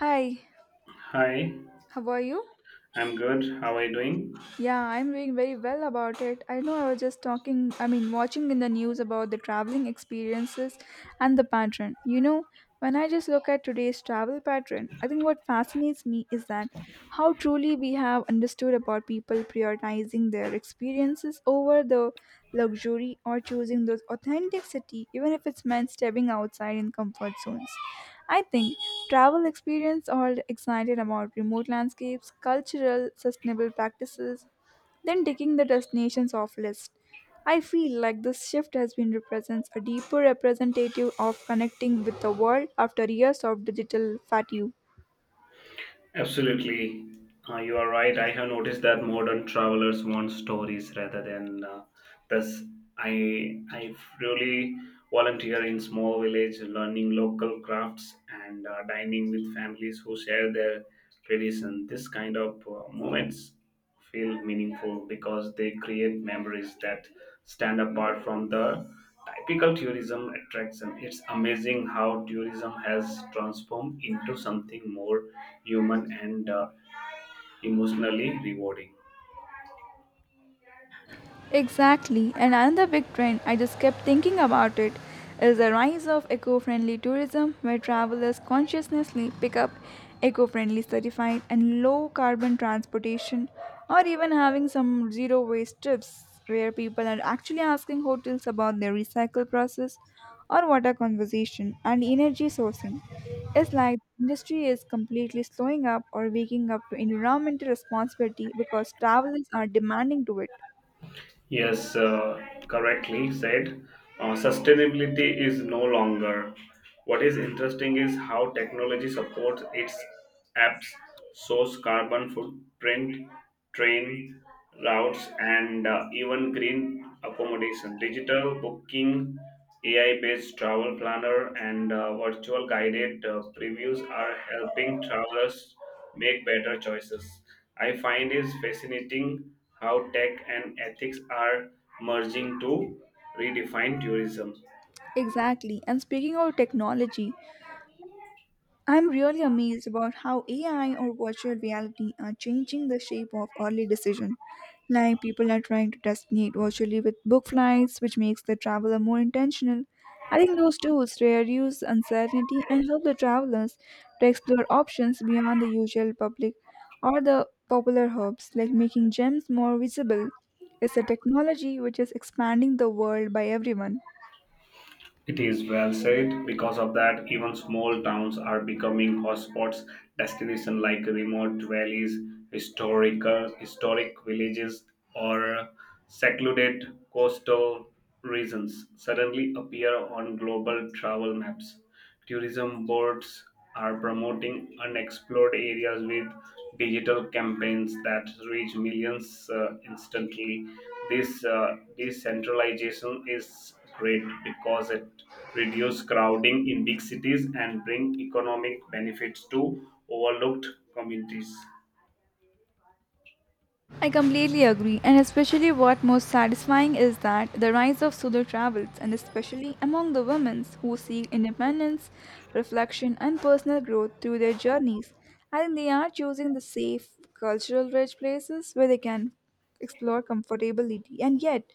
Hi, Hi, how are you? I'm good. How are you doing? Yeah, I'm doing very well about it. I know I was just talking, watching in the news about the traveling experiences and the pattern. When I just look at today's travel pattern, I think what fascinates me is that how truly we have understood about people prioritizing their experiences over the luxury or choosing those authenticity even if it's meant stepping outside in comfort zones. I think travel experience all excited about remote landscapes, cultural sustainable practices, then taking the destinations off list. I feel like this shift has been represents a deeper representative of connecting with the world after years of digital fatigue. Absolutely. You are right. I have noticed that modern travelers want stories rather than this. I really volunteer in small village, learning local crafts and dining with families who share their tradition. This kind of moments feel meaningful because they create memories that stand apart from the typical tourism attraction. It's amazing how tourism has transformed into something more human and emotionally rewarding. Exactly, and another big trend I just kept thinking about it is the rise of eco-friendly tourism where travelers consciously pick up eco-friendly certified and low carbon transportation, or even having some zero waste trips where people are actually asking hotels about their recycle process or water conservation and energy sourcing. It's like the industry is completely slowing up or waking up to environmental responsibility because travelers are demanding to it. Yes, correctly said. Sustainability is no longer. What is interesting is how technology supports its apps, source carbon footprint, train routes, and even green accommodation. Digital booking AI-based travel planner and virtual guided previews are helping travelers make better choices. I find it fascinating how tech and ethics are merging to redefine tourism. Exactly. And speaking of technology, I'm really amazed about how AI or virtual reality are changing the shape of early decision. Like people are trying to designate virtually with book flights, which makes the traveler more intentional. I think those tools reduce uncertainty and help the travelers to explore options beyond the usual public or the popular hubs, like making gems more visible. It's a technology which is expanding the world by everyone. It is well said. Because of that, even small towns are becoming hotspots, destinations like remote valleys, historic villages, or secluded coastal regions suddenly appear on global travel maps. Tourism boards are promoting unexplored areas with digital campaigns that reach millions instantly. This decentralization is great because it reduces crowding in big cities and bring economic benefits to overlooked communities. I completely agree, and especially what most satisfying is that the rise of solo travels, and especially among the women who seek independence, reflection, and personal growth through their journeys. I think they are choosing the safe, cultural rich places where they can explore comfortability and yet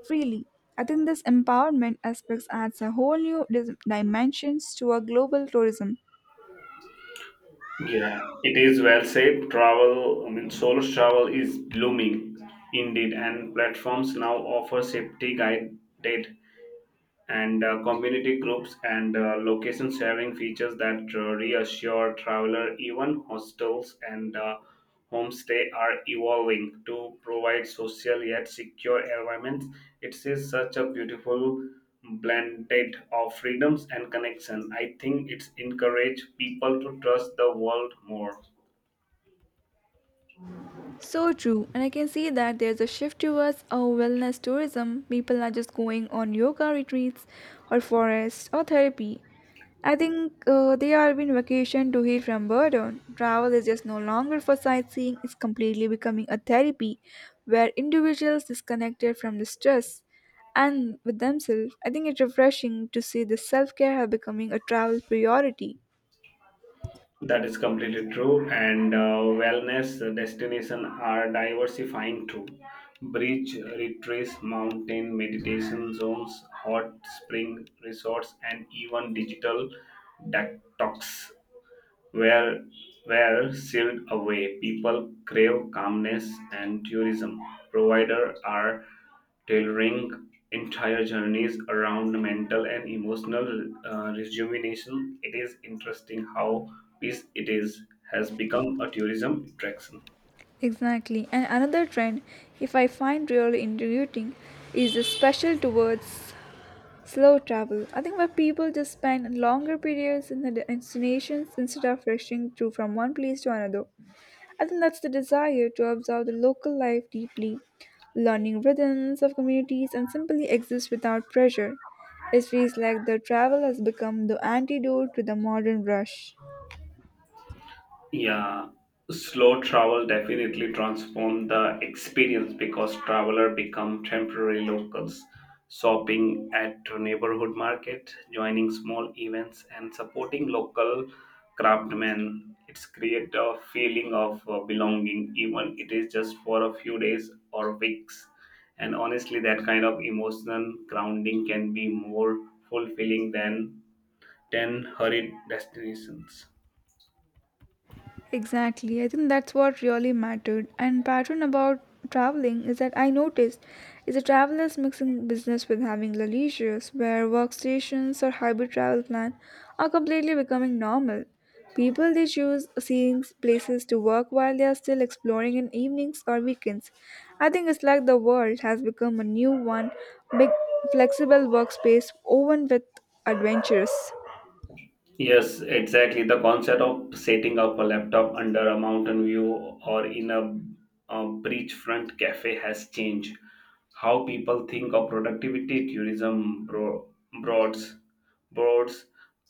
freely. I think this empowerment aspect adds a whole new dimensions to our global tourism. Yeah, it is well said. Travel, I mean, solo travel is blooming indeed, and platforms now offer safety guided and community groups and location sharing features that reassure traveler. Even hostels and homestay are evolving to provide social yet secure environments. It is such a beautiful blended of freedoms and connection. I think it's encourage people to trust the world more. So true, and I can see that there's a shift towards a wellness tourism. People are just going on yoga retreats or forest or therapy. I think they are being vacation to heal from burden. Travel is just no longer for sightseeing, it's completely becoming a therapy where individuals disconnected from the stress and with themselves. I think it's refreshing to see the self care becoming a travel priority. That is completely true, and wellness destination are diversifying too. Beach retreats, mountain meditation zones, hot spring resorts, and even digital detox where where sealed away people crave calmness and tourism providers are tailoring entire journeys around mental and emotional rejuvenation. It is interesting how peace it is has become a tourism attraction. Exactly. And another trend, if I find really intriguing, is the special towards slow travel. I think where people just spend longer periods in the destinations instead of rushing through from one place to another. I think that's the desire to observe the local life deeply, learning rhythms of communities, and simply exist without pressure. It feels like the travel has become the antidote to the modern rush. Yeah, slow travel definitely transformed the experience because traveler become temporary locals, shopping at neighborhood market, joining small events, and supporting local craftsmen. It's create a feeling of belonging, even it is just for a few days or weeks. And honestly, that kind of emotional grounding can be more fulfilling than ten hurried destinations. Exactly. I think that's what really mattered. And pattern about traveling is that I noticed is a travelers mixing business with having the leisures where workstations or hybrid travel plan are completely becoming normal. People they choose scenes, places to work while they are still exploring in evenings or weekends. I think it's like the world has become a new one, big flexible workspace woven with adventures. Yes, exactly. The concept of setting up a laptop under a mountain view or in a beachfront cafe has changed how people think of productivity. Tourism bro- broads boards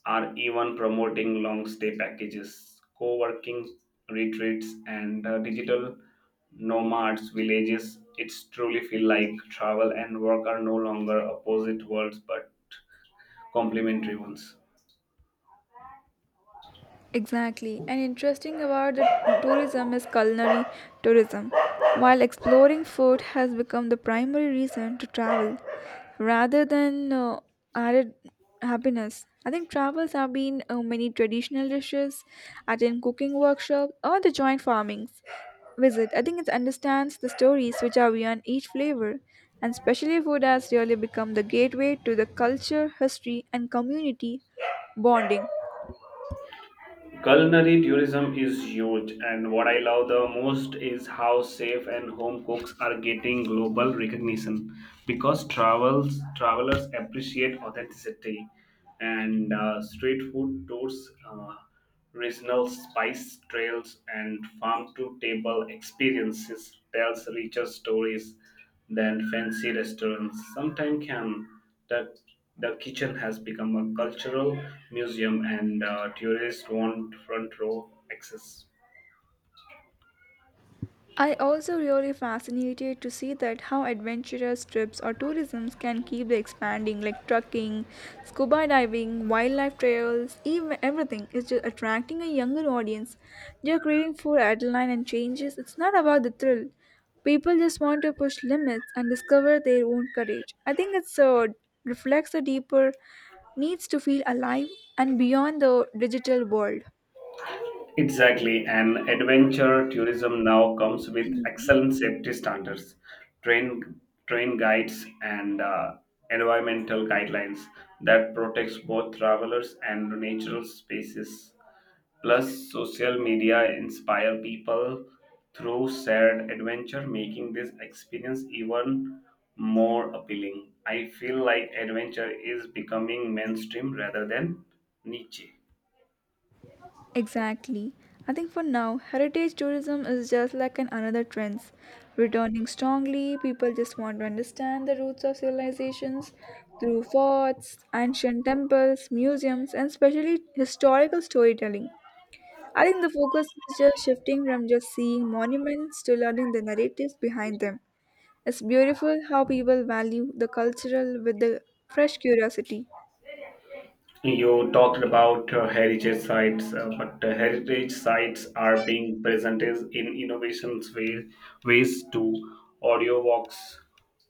are even promoting long stay packages, co-working retreats, and digital nomads villages. It's truly feel like travel and work are no longer opposite worlds but complementary ones. Exactly. And interesting about the tourism is culinary tourism. While exploring food has become the primary reason to travel rather than added happiness. I think travels have been many traditional dishes, attend cooking workshop or the joint farmings visit. I think it understands the stories which are beyond each flavor. And specially food has really become the gateway to the culture, history and community bonding. Culinary tourism is huge, and what I love the most is how safe and home cooks are getting global recognition because travels travelers appreciate authenticity, and street food tours, regional spice trails, and farm to table experiences tells richer stories than fancy restaurants sometimes can. The, the kitchen has become a cultural museum, and tourists want front row access. I also really fascinated to see that how adventurous trips or tourisms can keep the expanding like trucking, scuba diving, wildlife trails, even everything is just attracting a younger audience. They're craving for adrenaline and changes. It's not about the thrill. People just want to push limits and discover their own courage. I think it's reflects the deeper needs to feel alive and beyond the digital world. Exactly, and adventure tourism now comes with excellent safety standards, train train guides, and environmental guidelines that protects both travelers and natural spaces. Plus, social media inspire people through shared adventure, making this experience even more appealing. I feel like adventure is becoming mainstream rather than niche. Exactly. I think for now, heritage tourism is just like an another trends, returning strongly. People just want to understand the roots of civilizations through forts, ancient temples, museums, and especially historical storytelling. I think the focus is just shifting from just seeing monuments to learning the narratives behind them. It's beautiful how people value the cultural with the fresh curiosity. You talked about heritage sites, but heritage sites are being presented in ways to audio walks,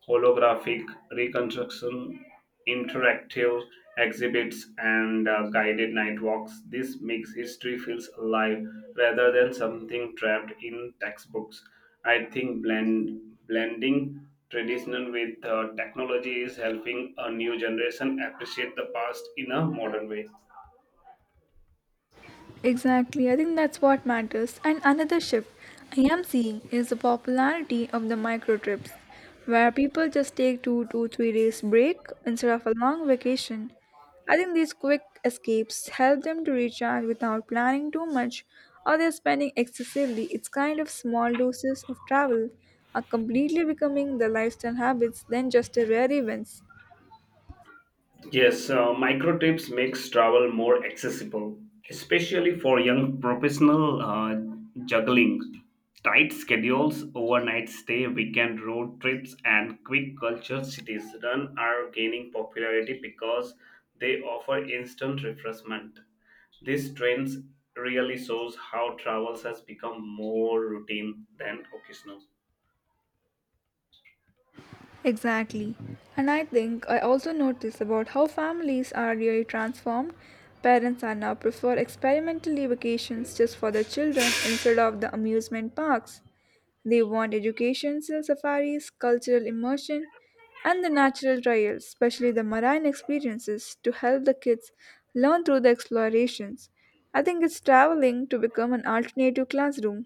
holographic reconstruction, interactive exhibits, and guided night walks. This makes history feels alive rather than something trapped in textbooks. I think blending traditional with technology is helping a new generation appreciate the past in a modern way. Exactly, I think that's what matters. And another shift I am seeing is the popularity of the micro trips, where people just take 2 to 3 days break instead of a long vacation. I think these quick escapes help them to recharge without planning too much or they're spending excessively. It's kind of small doses of travel are completely becoming the lifestyle habits than just the rare events. Yes, micro trips makes travel more accessible, especially for young professional juggling tight schedules, overnight stay, weekend road trips, and quick culture cities. Run are gaining popularity because they offer instant refreshment. This trend really shows how travels has become more routine than occasional. Exactly. And I think I also notice about how families are really transformed. Parents are now prefer experimentally vacations just for their children instead of the amusement parks. They want education, safaris, cultural immersion, and the natural trials, especially the marine experiences, to help the kids learn through the explorations. I think it's traveling to become an alternative classroom.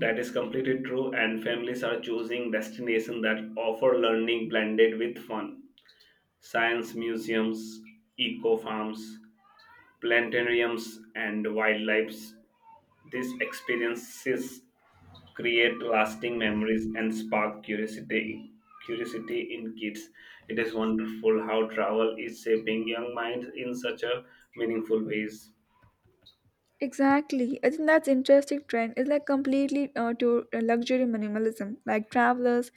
That is completely true, and families are choosing destinations that offer learning blended with fun. Science museums, eco farms, planetariums, and wildlife. These experiences create lasting memories and spark curiosity in kids. It is wonderful how travel is shaping young minds in such a meaningful ways. Exactly. I think that's interesting trend. It's like completely to luxury minimalism. Like travelers,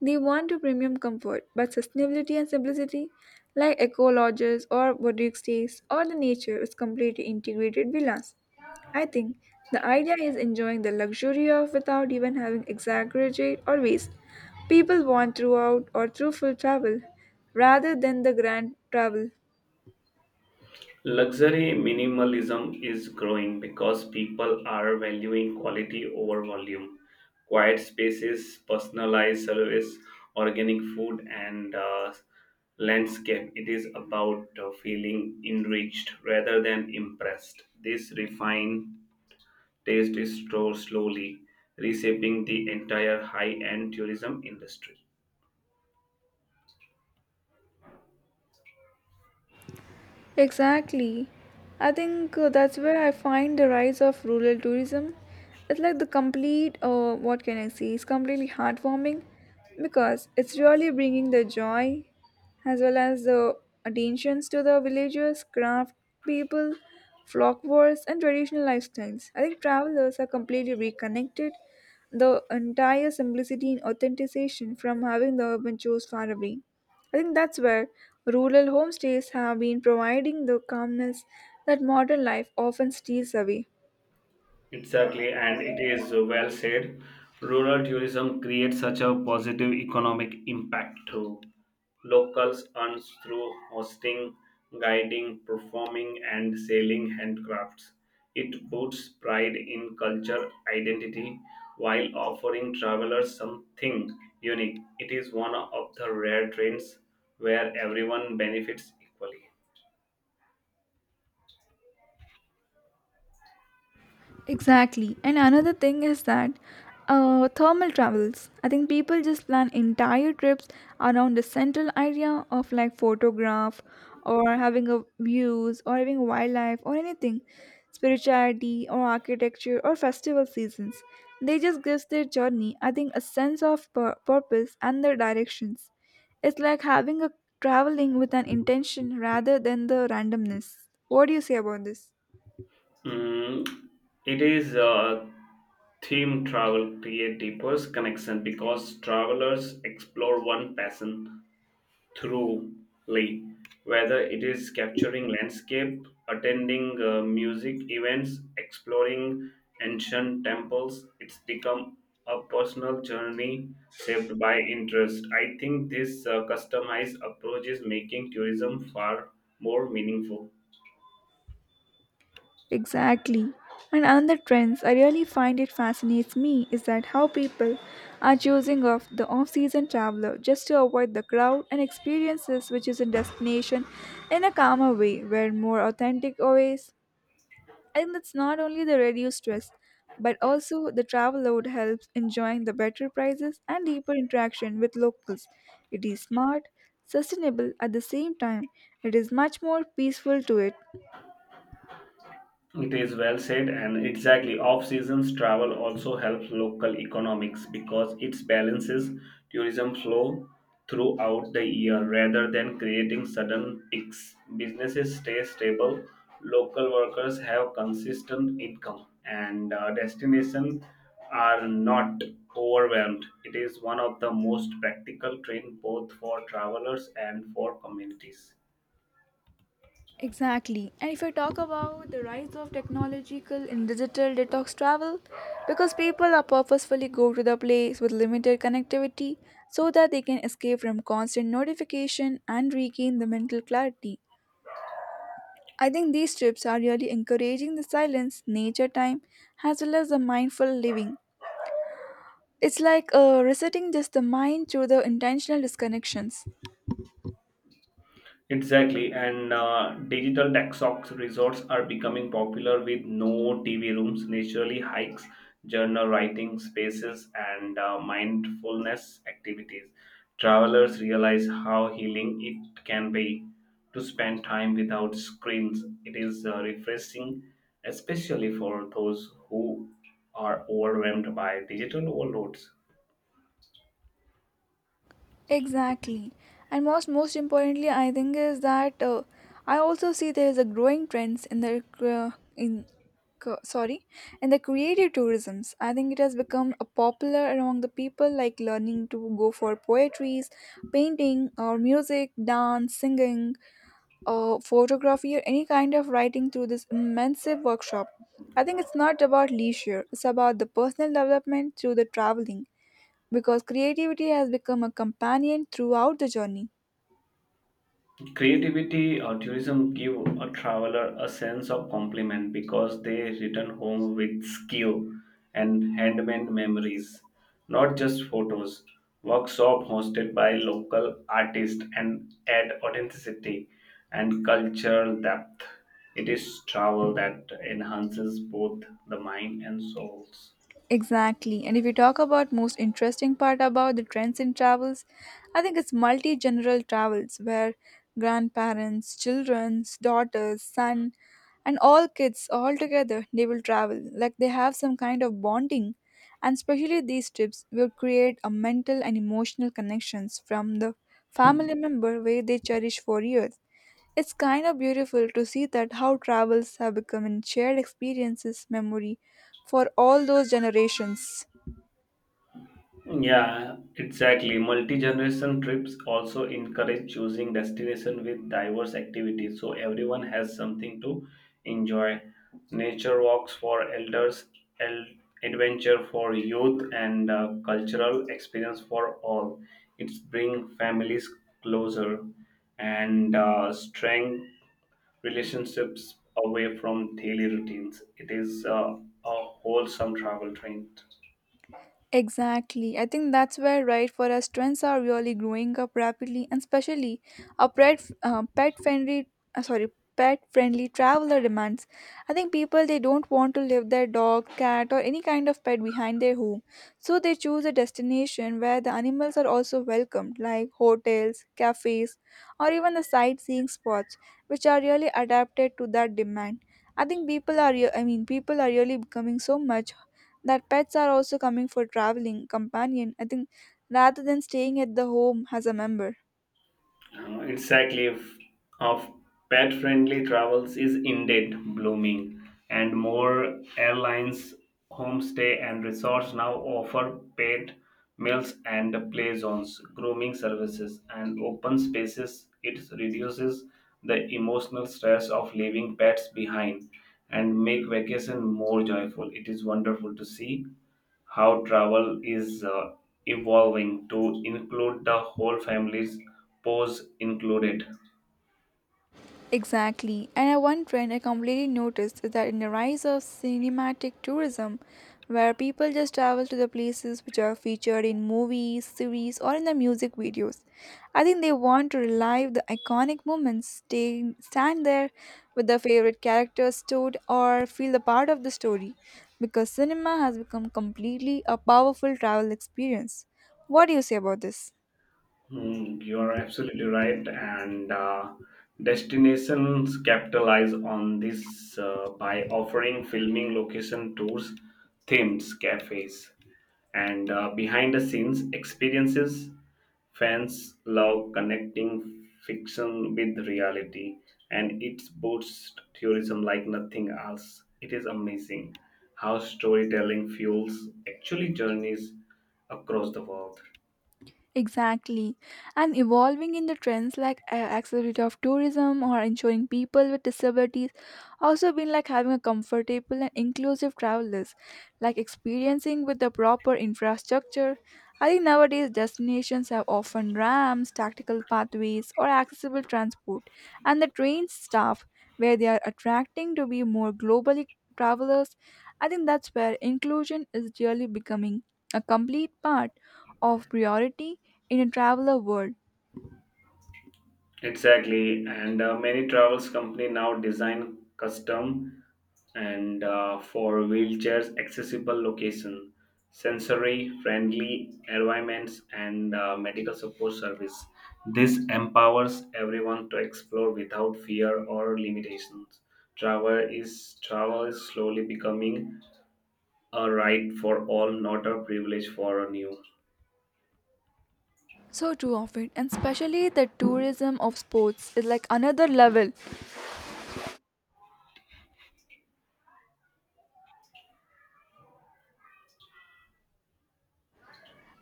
they want to premium comfort, but sustainability and simplicity, like eco lodges or boutique stays or the nature, is completely integrated villas. I think the idea is enjoying the luxury of without even having exaggerate or waste. People want throughout or through full travel rather than the grand travel. Luxury minimalism is growing because people are valuing quality over volume. Quiet spaces, personalized service, organic food, and landscape. It is about feeling enriched rather than impressed. This refined taste is so slowly reshaping the entire high end tourism industry. Exactly. I think that's where I find the rise of rural tourism. It's like the what can I say, it's completely heartwarming because it's really bringing the joy as well as the attentions to the villagers, craft people, flock wars, and traditional lifestyles. I think travelers are completely reconnected the entire simplicity and authentication from having the urban chores far away. I think that's where rural homestays have been providing the calmness that modern life often steals away. Exactly, and it is well said. Rural tourism creates such a positive economic impact too. Locals earn through hosting, guiding, performing, and selling handcrafts. It puts pride in culture identity while offering travelers something unique. It is one of the rare trends where everyone benefits equally. Exactly. And another thing is that thermal travels. I think people just plan entire trips around the central idea of like photograph or having a views or having wildlife or anything, spirituality or architecture or festival seasons. They just gives their journey, I think, a sense of purpose and their directions. It's like having a traveling with an intention rather than the randomness. What do you say about this? Mm, it is theme travel create deeper connection because travelers explore one passion thoroughly, whether it is capturing landscape, attending music events, exploring ancient temples. It's become a personal journey shaped by interest. I think this customized approach is making tourism far more meaningful. Exactly. And another trends I really find it fascinates me is that how people are choosing off-season traveler just to avoid the crowd and experiences which is a destination in a calmer way where more authentic ways. And that's not only the reduced stress, but also the travel load helps enjoying the better prices and deeper interaction with locals. It is smart, sustainable at the same time. It is much more peaceful to it. It is well said, and exactly. Off seasons travel also helps local economics because it balances tourism flow throughout the year rather than creating sudden peaks. Businesses stay stable, local workers have consistent income, and destinations are not overwhelmed. It is one of the most practical train both for travelers and for communities. Exactly. And if I talk about the rise of technological and digital detox travel, because people are purposefully go to the place with limited connectivity so that they can escape from constant notification and regain the mental clarity. I think these trips are really encouraging the silence, nature time, as well as the mindful living. It's like resetting just the mind through the intentional disconnections. Exactly, and digital detox resorts are becoming popular with no TV rooms, naturally hikes, journal writing spaces, and mindfulness activities. Travelers realize how healing it can be to spend time without screens. It is refreshing, especially for those who are overwhelmed by digital overloads. Exactly. And most importantly, I think is that I also see there is a growing trends in the cre- in co- sorry in the creative tourisms. I think it has become a popular among the people like learning to go for poetries, painting or music, dance, singing, or photography or any kind of writing through this immense workshop. I think it's not about leisure; it's about the personal development through the traveling because creativity has become a companion throughout the journey. Creativity or tourism give a traveler a sense of compliment because they return home with skill and handmade memories, not just photos. Workshop hosted by local artists and add authenticity and cultural depth. It is travel that enhances both the mind and souls. Exactly. And if you talk about most interesting part about the trends in travels, I think it's multi-general travels where grandparents, children's, daughters, son, and all kids all together they will travel. Like they have some kind of bonding. And especially these trips will create a mental and emotional connections from the family member where they cherish for years. It's kind of beautiful to see that how travels have become in shared experiences memory for all those generations. Yeah, exactly. Multi-generation trips also encourage choosing destination with diverse activities so everyone has something to enjoy. Nature walks for elders, el- adventure for youth, and cultural experience for all. It's bring families closer and strength relationships away from daily routines. It is a wholesome travel trend. Exactly. I think that's where right for us trends are really growing up rapidly, and especially our pet pet friendly sorry pet friendly traveler demands. I think people they don't want to leave their dog, cat, or any kind of pet behind their home, so they choose a destination where the animals are also welcomed, like hotels, cafes, or even the sightseeing spots, which are really adapted to that demand. I think people are, re- I mean, people are really becoming so much that pets are also coming for traveling companion, I think, rather than staying at the home as a member. Exactly f- of pet friendly travels is indeed blooming, and more airlines, homestay and resorts now offer pet meals and play zones, grooming services and open spaces. It reduces the emotional stress of leaving pets behind and make vacation more joyful. It is wonderful to see how travel is evolving to include the whole families, pose included. Exactly. And One trend I completely noticed is that in the rise of cinematic tourism, where people just travel to the places which are featured in movies, series, or in the music videos. I think they want to relive the iconic moments, stay, stand there with their favorite characters stood, or feel the part of the story, because cinema has become completely a powerful travel experience. What do you say about this? Mm, you are absolutely right, and destinations capitalize on this by offering filming location tours, themes, cafes, and behind the scenes experiences. Fans love connecting fiction with reality, and it boosts tourism like nothing else. It is amazing how storytelling fuels actually journeys across the world. Exactly. And evolving in the trends like accessibility of tourism or ensuring people with disabilities also been like having a comfortable and inclusive travel list, like experiencing with the proper infrastructure. I think nowadays destinations have often ramps, tactical pathways, or accessible transport, and the train staff where they are attracting to be more globally travelers. I think that's where inclusion is really becoming a complete part of priority in a traveler world. Exactly, and many travels company now design custom and for wheelchairs accessible location, sensory friendly environments, and medical support service. This empowers everyone to explore without fear or limitations. Travel is slowly becoming a right for all, not a privilege for a new. So too of it, and especially the tourism of sports is like another level,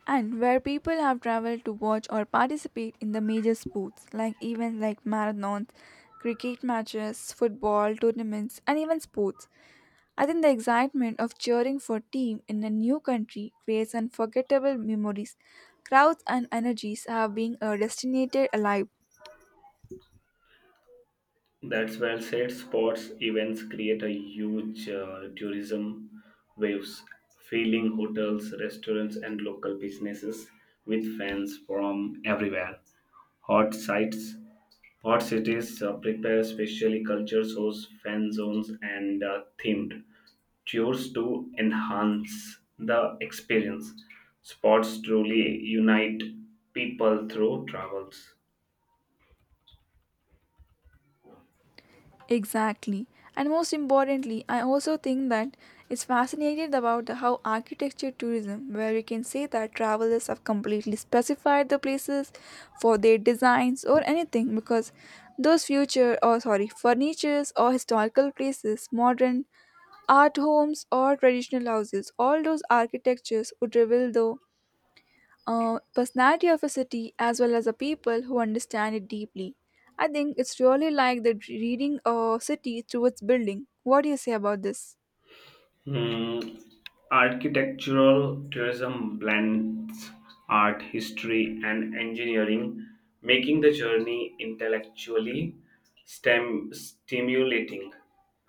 and where people have traveled to watch or participate in the major sports, like events like marathons, cricket matches, football tournaments, and even sports. I think the excitement of cheering for team in a new country creates unforgettable memories. Crowds and energies have been destinated alive. That's well said. Sports events create a huge tourism waves, filling hotels, restaurants, and local businesses with fans from everywhere. Hot sites, Hot cities prepare specially culture shows, fan zones, and themed tours to enhance the experience. Sports truly unite people through travels. Exactly. And most importantly, I also think that it's fascinating about the how architecture tourism, where we can say that travelers have completely specified the places for their designs or anything because those future or sorry, furnitures or historical places, modern art homes or traditional houses. All those architectures would reveal the personality of a city as well as the people who understand it deeply. I think it's really like the reading a city through its building. What do you say about this? Hmm. Architectural tourism blends art, history, and engineering, making the journey intellectually stimulating.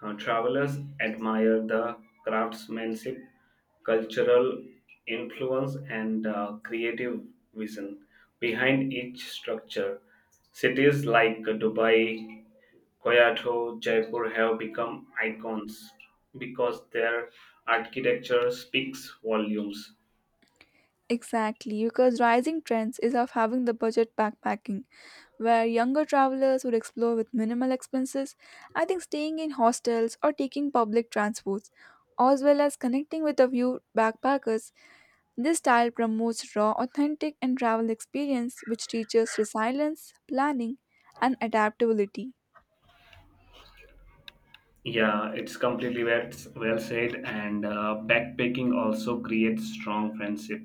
Travelers admire the craftsmanship, cultural influence, and creative vision behind each structure. Cities like Dubai, Koyat, Jaipur have become icons because their architecture speaks volumes. Exactly, because rising trends is of having the budget backpacking, where younger travelers would explore with minimal expenses. I think staying in hostels or taking public transports, as well as connecting with a few backpackers. This style promotes raw, authentic, and travel experience, which teaches resilience, planning, and adaptability. Yeah, it's well said. And backpacking also creates strong friendship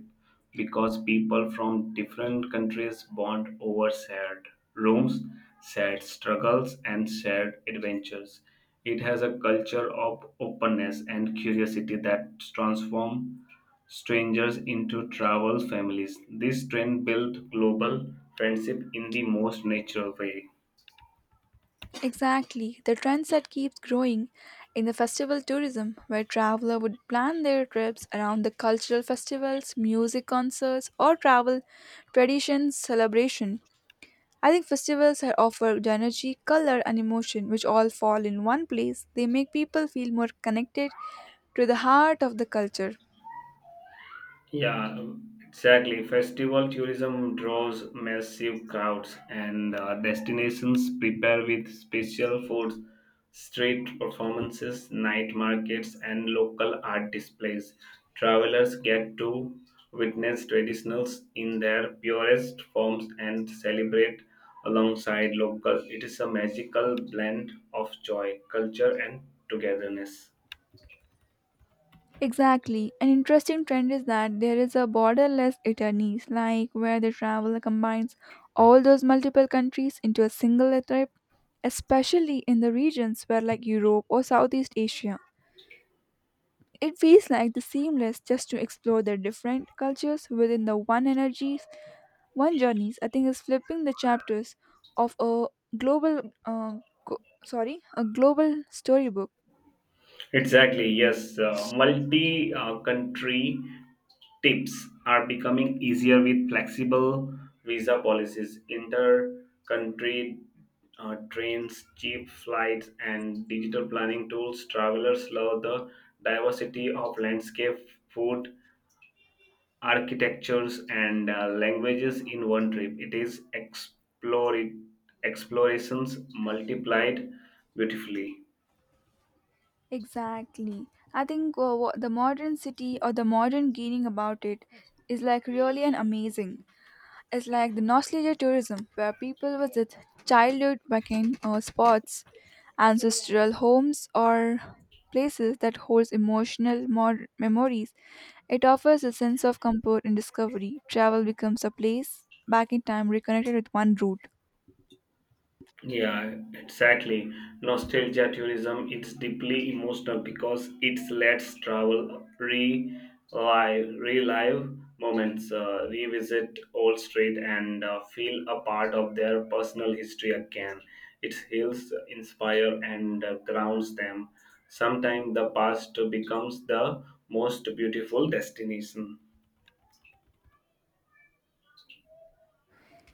because people from different countries bond over shared rooms, shared struggles, and shared adventures. It has a culture of openness and curiosity that transform strangers into travel families. This trend built global friendship in the most natural way. Exactly, the trendset keeps growing in the festival tourism, where traveler would plan their trips around the cultural festivals, music concerts, or travel traditions celebration. I think festivals are offered energy, color, and emotion, which all fall in one place. They make people feel more connected to the heart of the culture. Yeah, exactly. Festival tourism draws massive crowds, and destinations prepare with special foods, street performances, night markets, and local art displays. Travelers get to witness traditionals in their purest forms and celebrate alongside local. It is a magical blend of joy, culture, and togetherness. Exactly. An interesting trend is that there is a borderless Italy's, like where the travel combines all those multiple countries into a single trip, especially in the regions where like Europe or Southeast Asia. It feels like the seamless just to explore the different cultures within the one energies, one journeys. I think is flipping the chapters of a global, go- a global storybook. Exactly, yes. Multi country tips are becoming easier with flexible visa policies, inter country trains, cheap flights, and digital planning tools. Travelers love the diversity of landscape, food, architectures, and languages in one trip. It is explorations multiplied beautifully. Exactly. I think the modern city or the modern gaining about it is like really an amazing. It's like the nostalgia tourism where people visit childhood vacation spots, ancestral homes, or places that holds emotional memories. It offers a sense of comfort and discovery. Travel becomes a place back in time reconnected with one root. Yeah, exactly. Nostalgia tourism it's deeply emotional because it lets travel relive moments, revisit old street, and feel a part of their personal history again. It heals, inspire, and grounds them. Sometimes the past becomes the most beautiful destination.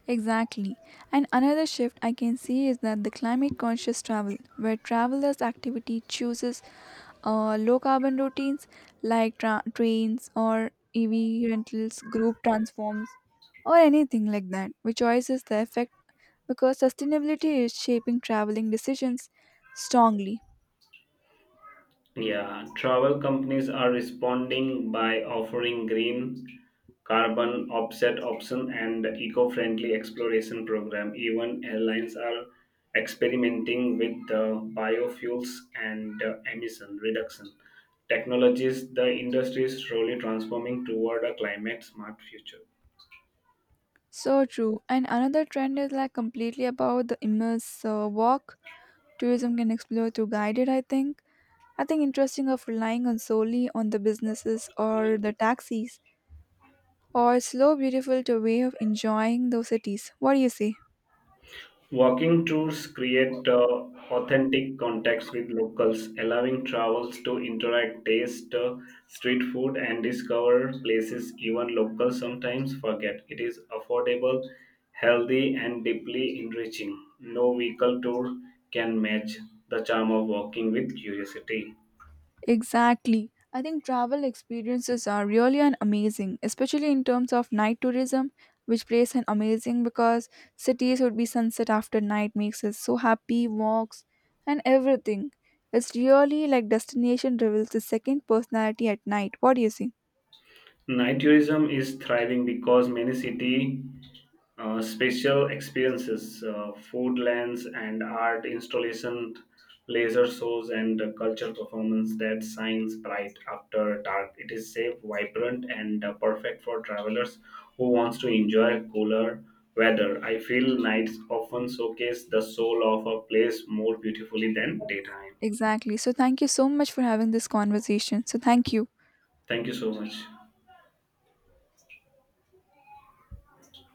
Exactly. And another shift I can see is that the climate conscious travel, where travelers' activity chooses low carbon routines like trains or EV rentals, group transforms, or anything like that, which choices the effect because sustainability is shaping traveling decisions strongly. Yeah, travel companies are responding by offering green carbon offset option and eco-friendly exploration program. Even airlines are experimenting with the biofuels and emission reduction technologies. The industry is slowly transforming toward a climate smart future. So true. And another trend is like completely about the immersive walk tourism can explore through guided, I think interesting of relying on solely on the businesses or the taxis or slow beautiful to way of enjoying those cities. What do you say? Walking tours create authentic contacts with locals, allowing travelers to interact, taste street food, and discover places even locals sometimes forget. It is affordable, healthy, and deeply enriching. No vehicle tour can match the charm of walking with curiosity. Exactly. I think travel experiences are really an amazing, especially in terms of night tourism, which plays an amazing because cities would be sunset after night makes us so happy, walks and everything. It's really like destination reveals the second personality at night. What do you see? Night tourism is thriving because many city special experiences, food lands and art installation, laser shows and cultural performance that shines bright after dark. It is safe, vibrant and perfect for travelers who wants to enjoy cooler weather. I feel nights often showcase the soul of a place more beautifully than daytime. Exactly. So thank you so much for having this conversation. So thank you. Thank you so much.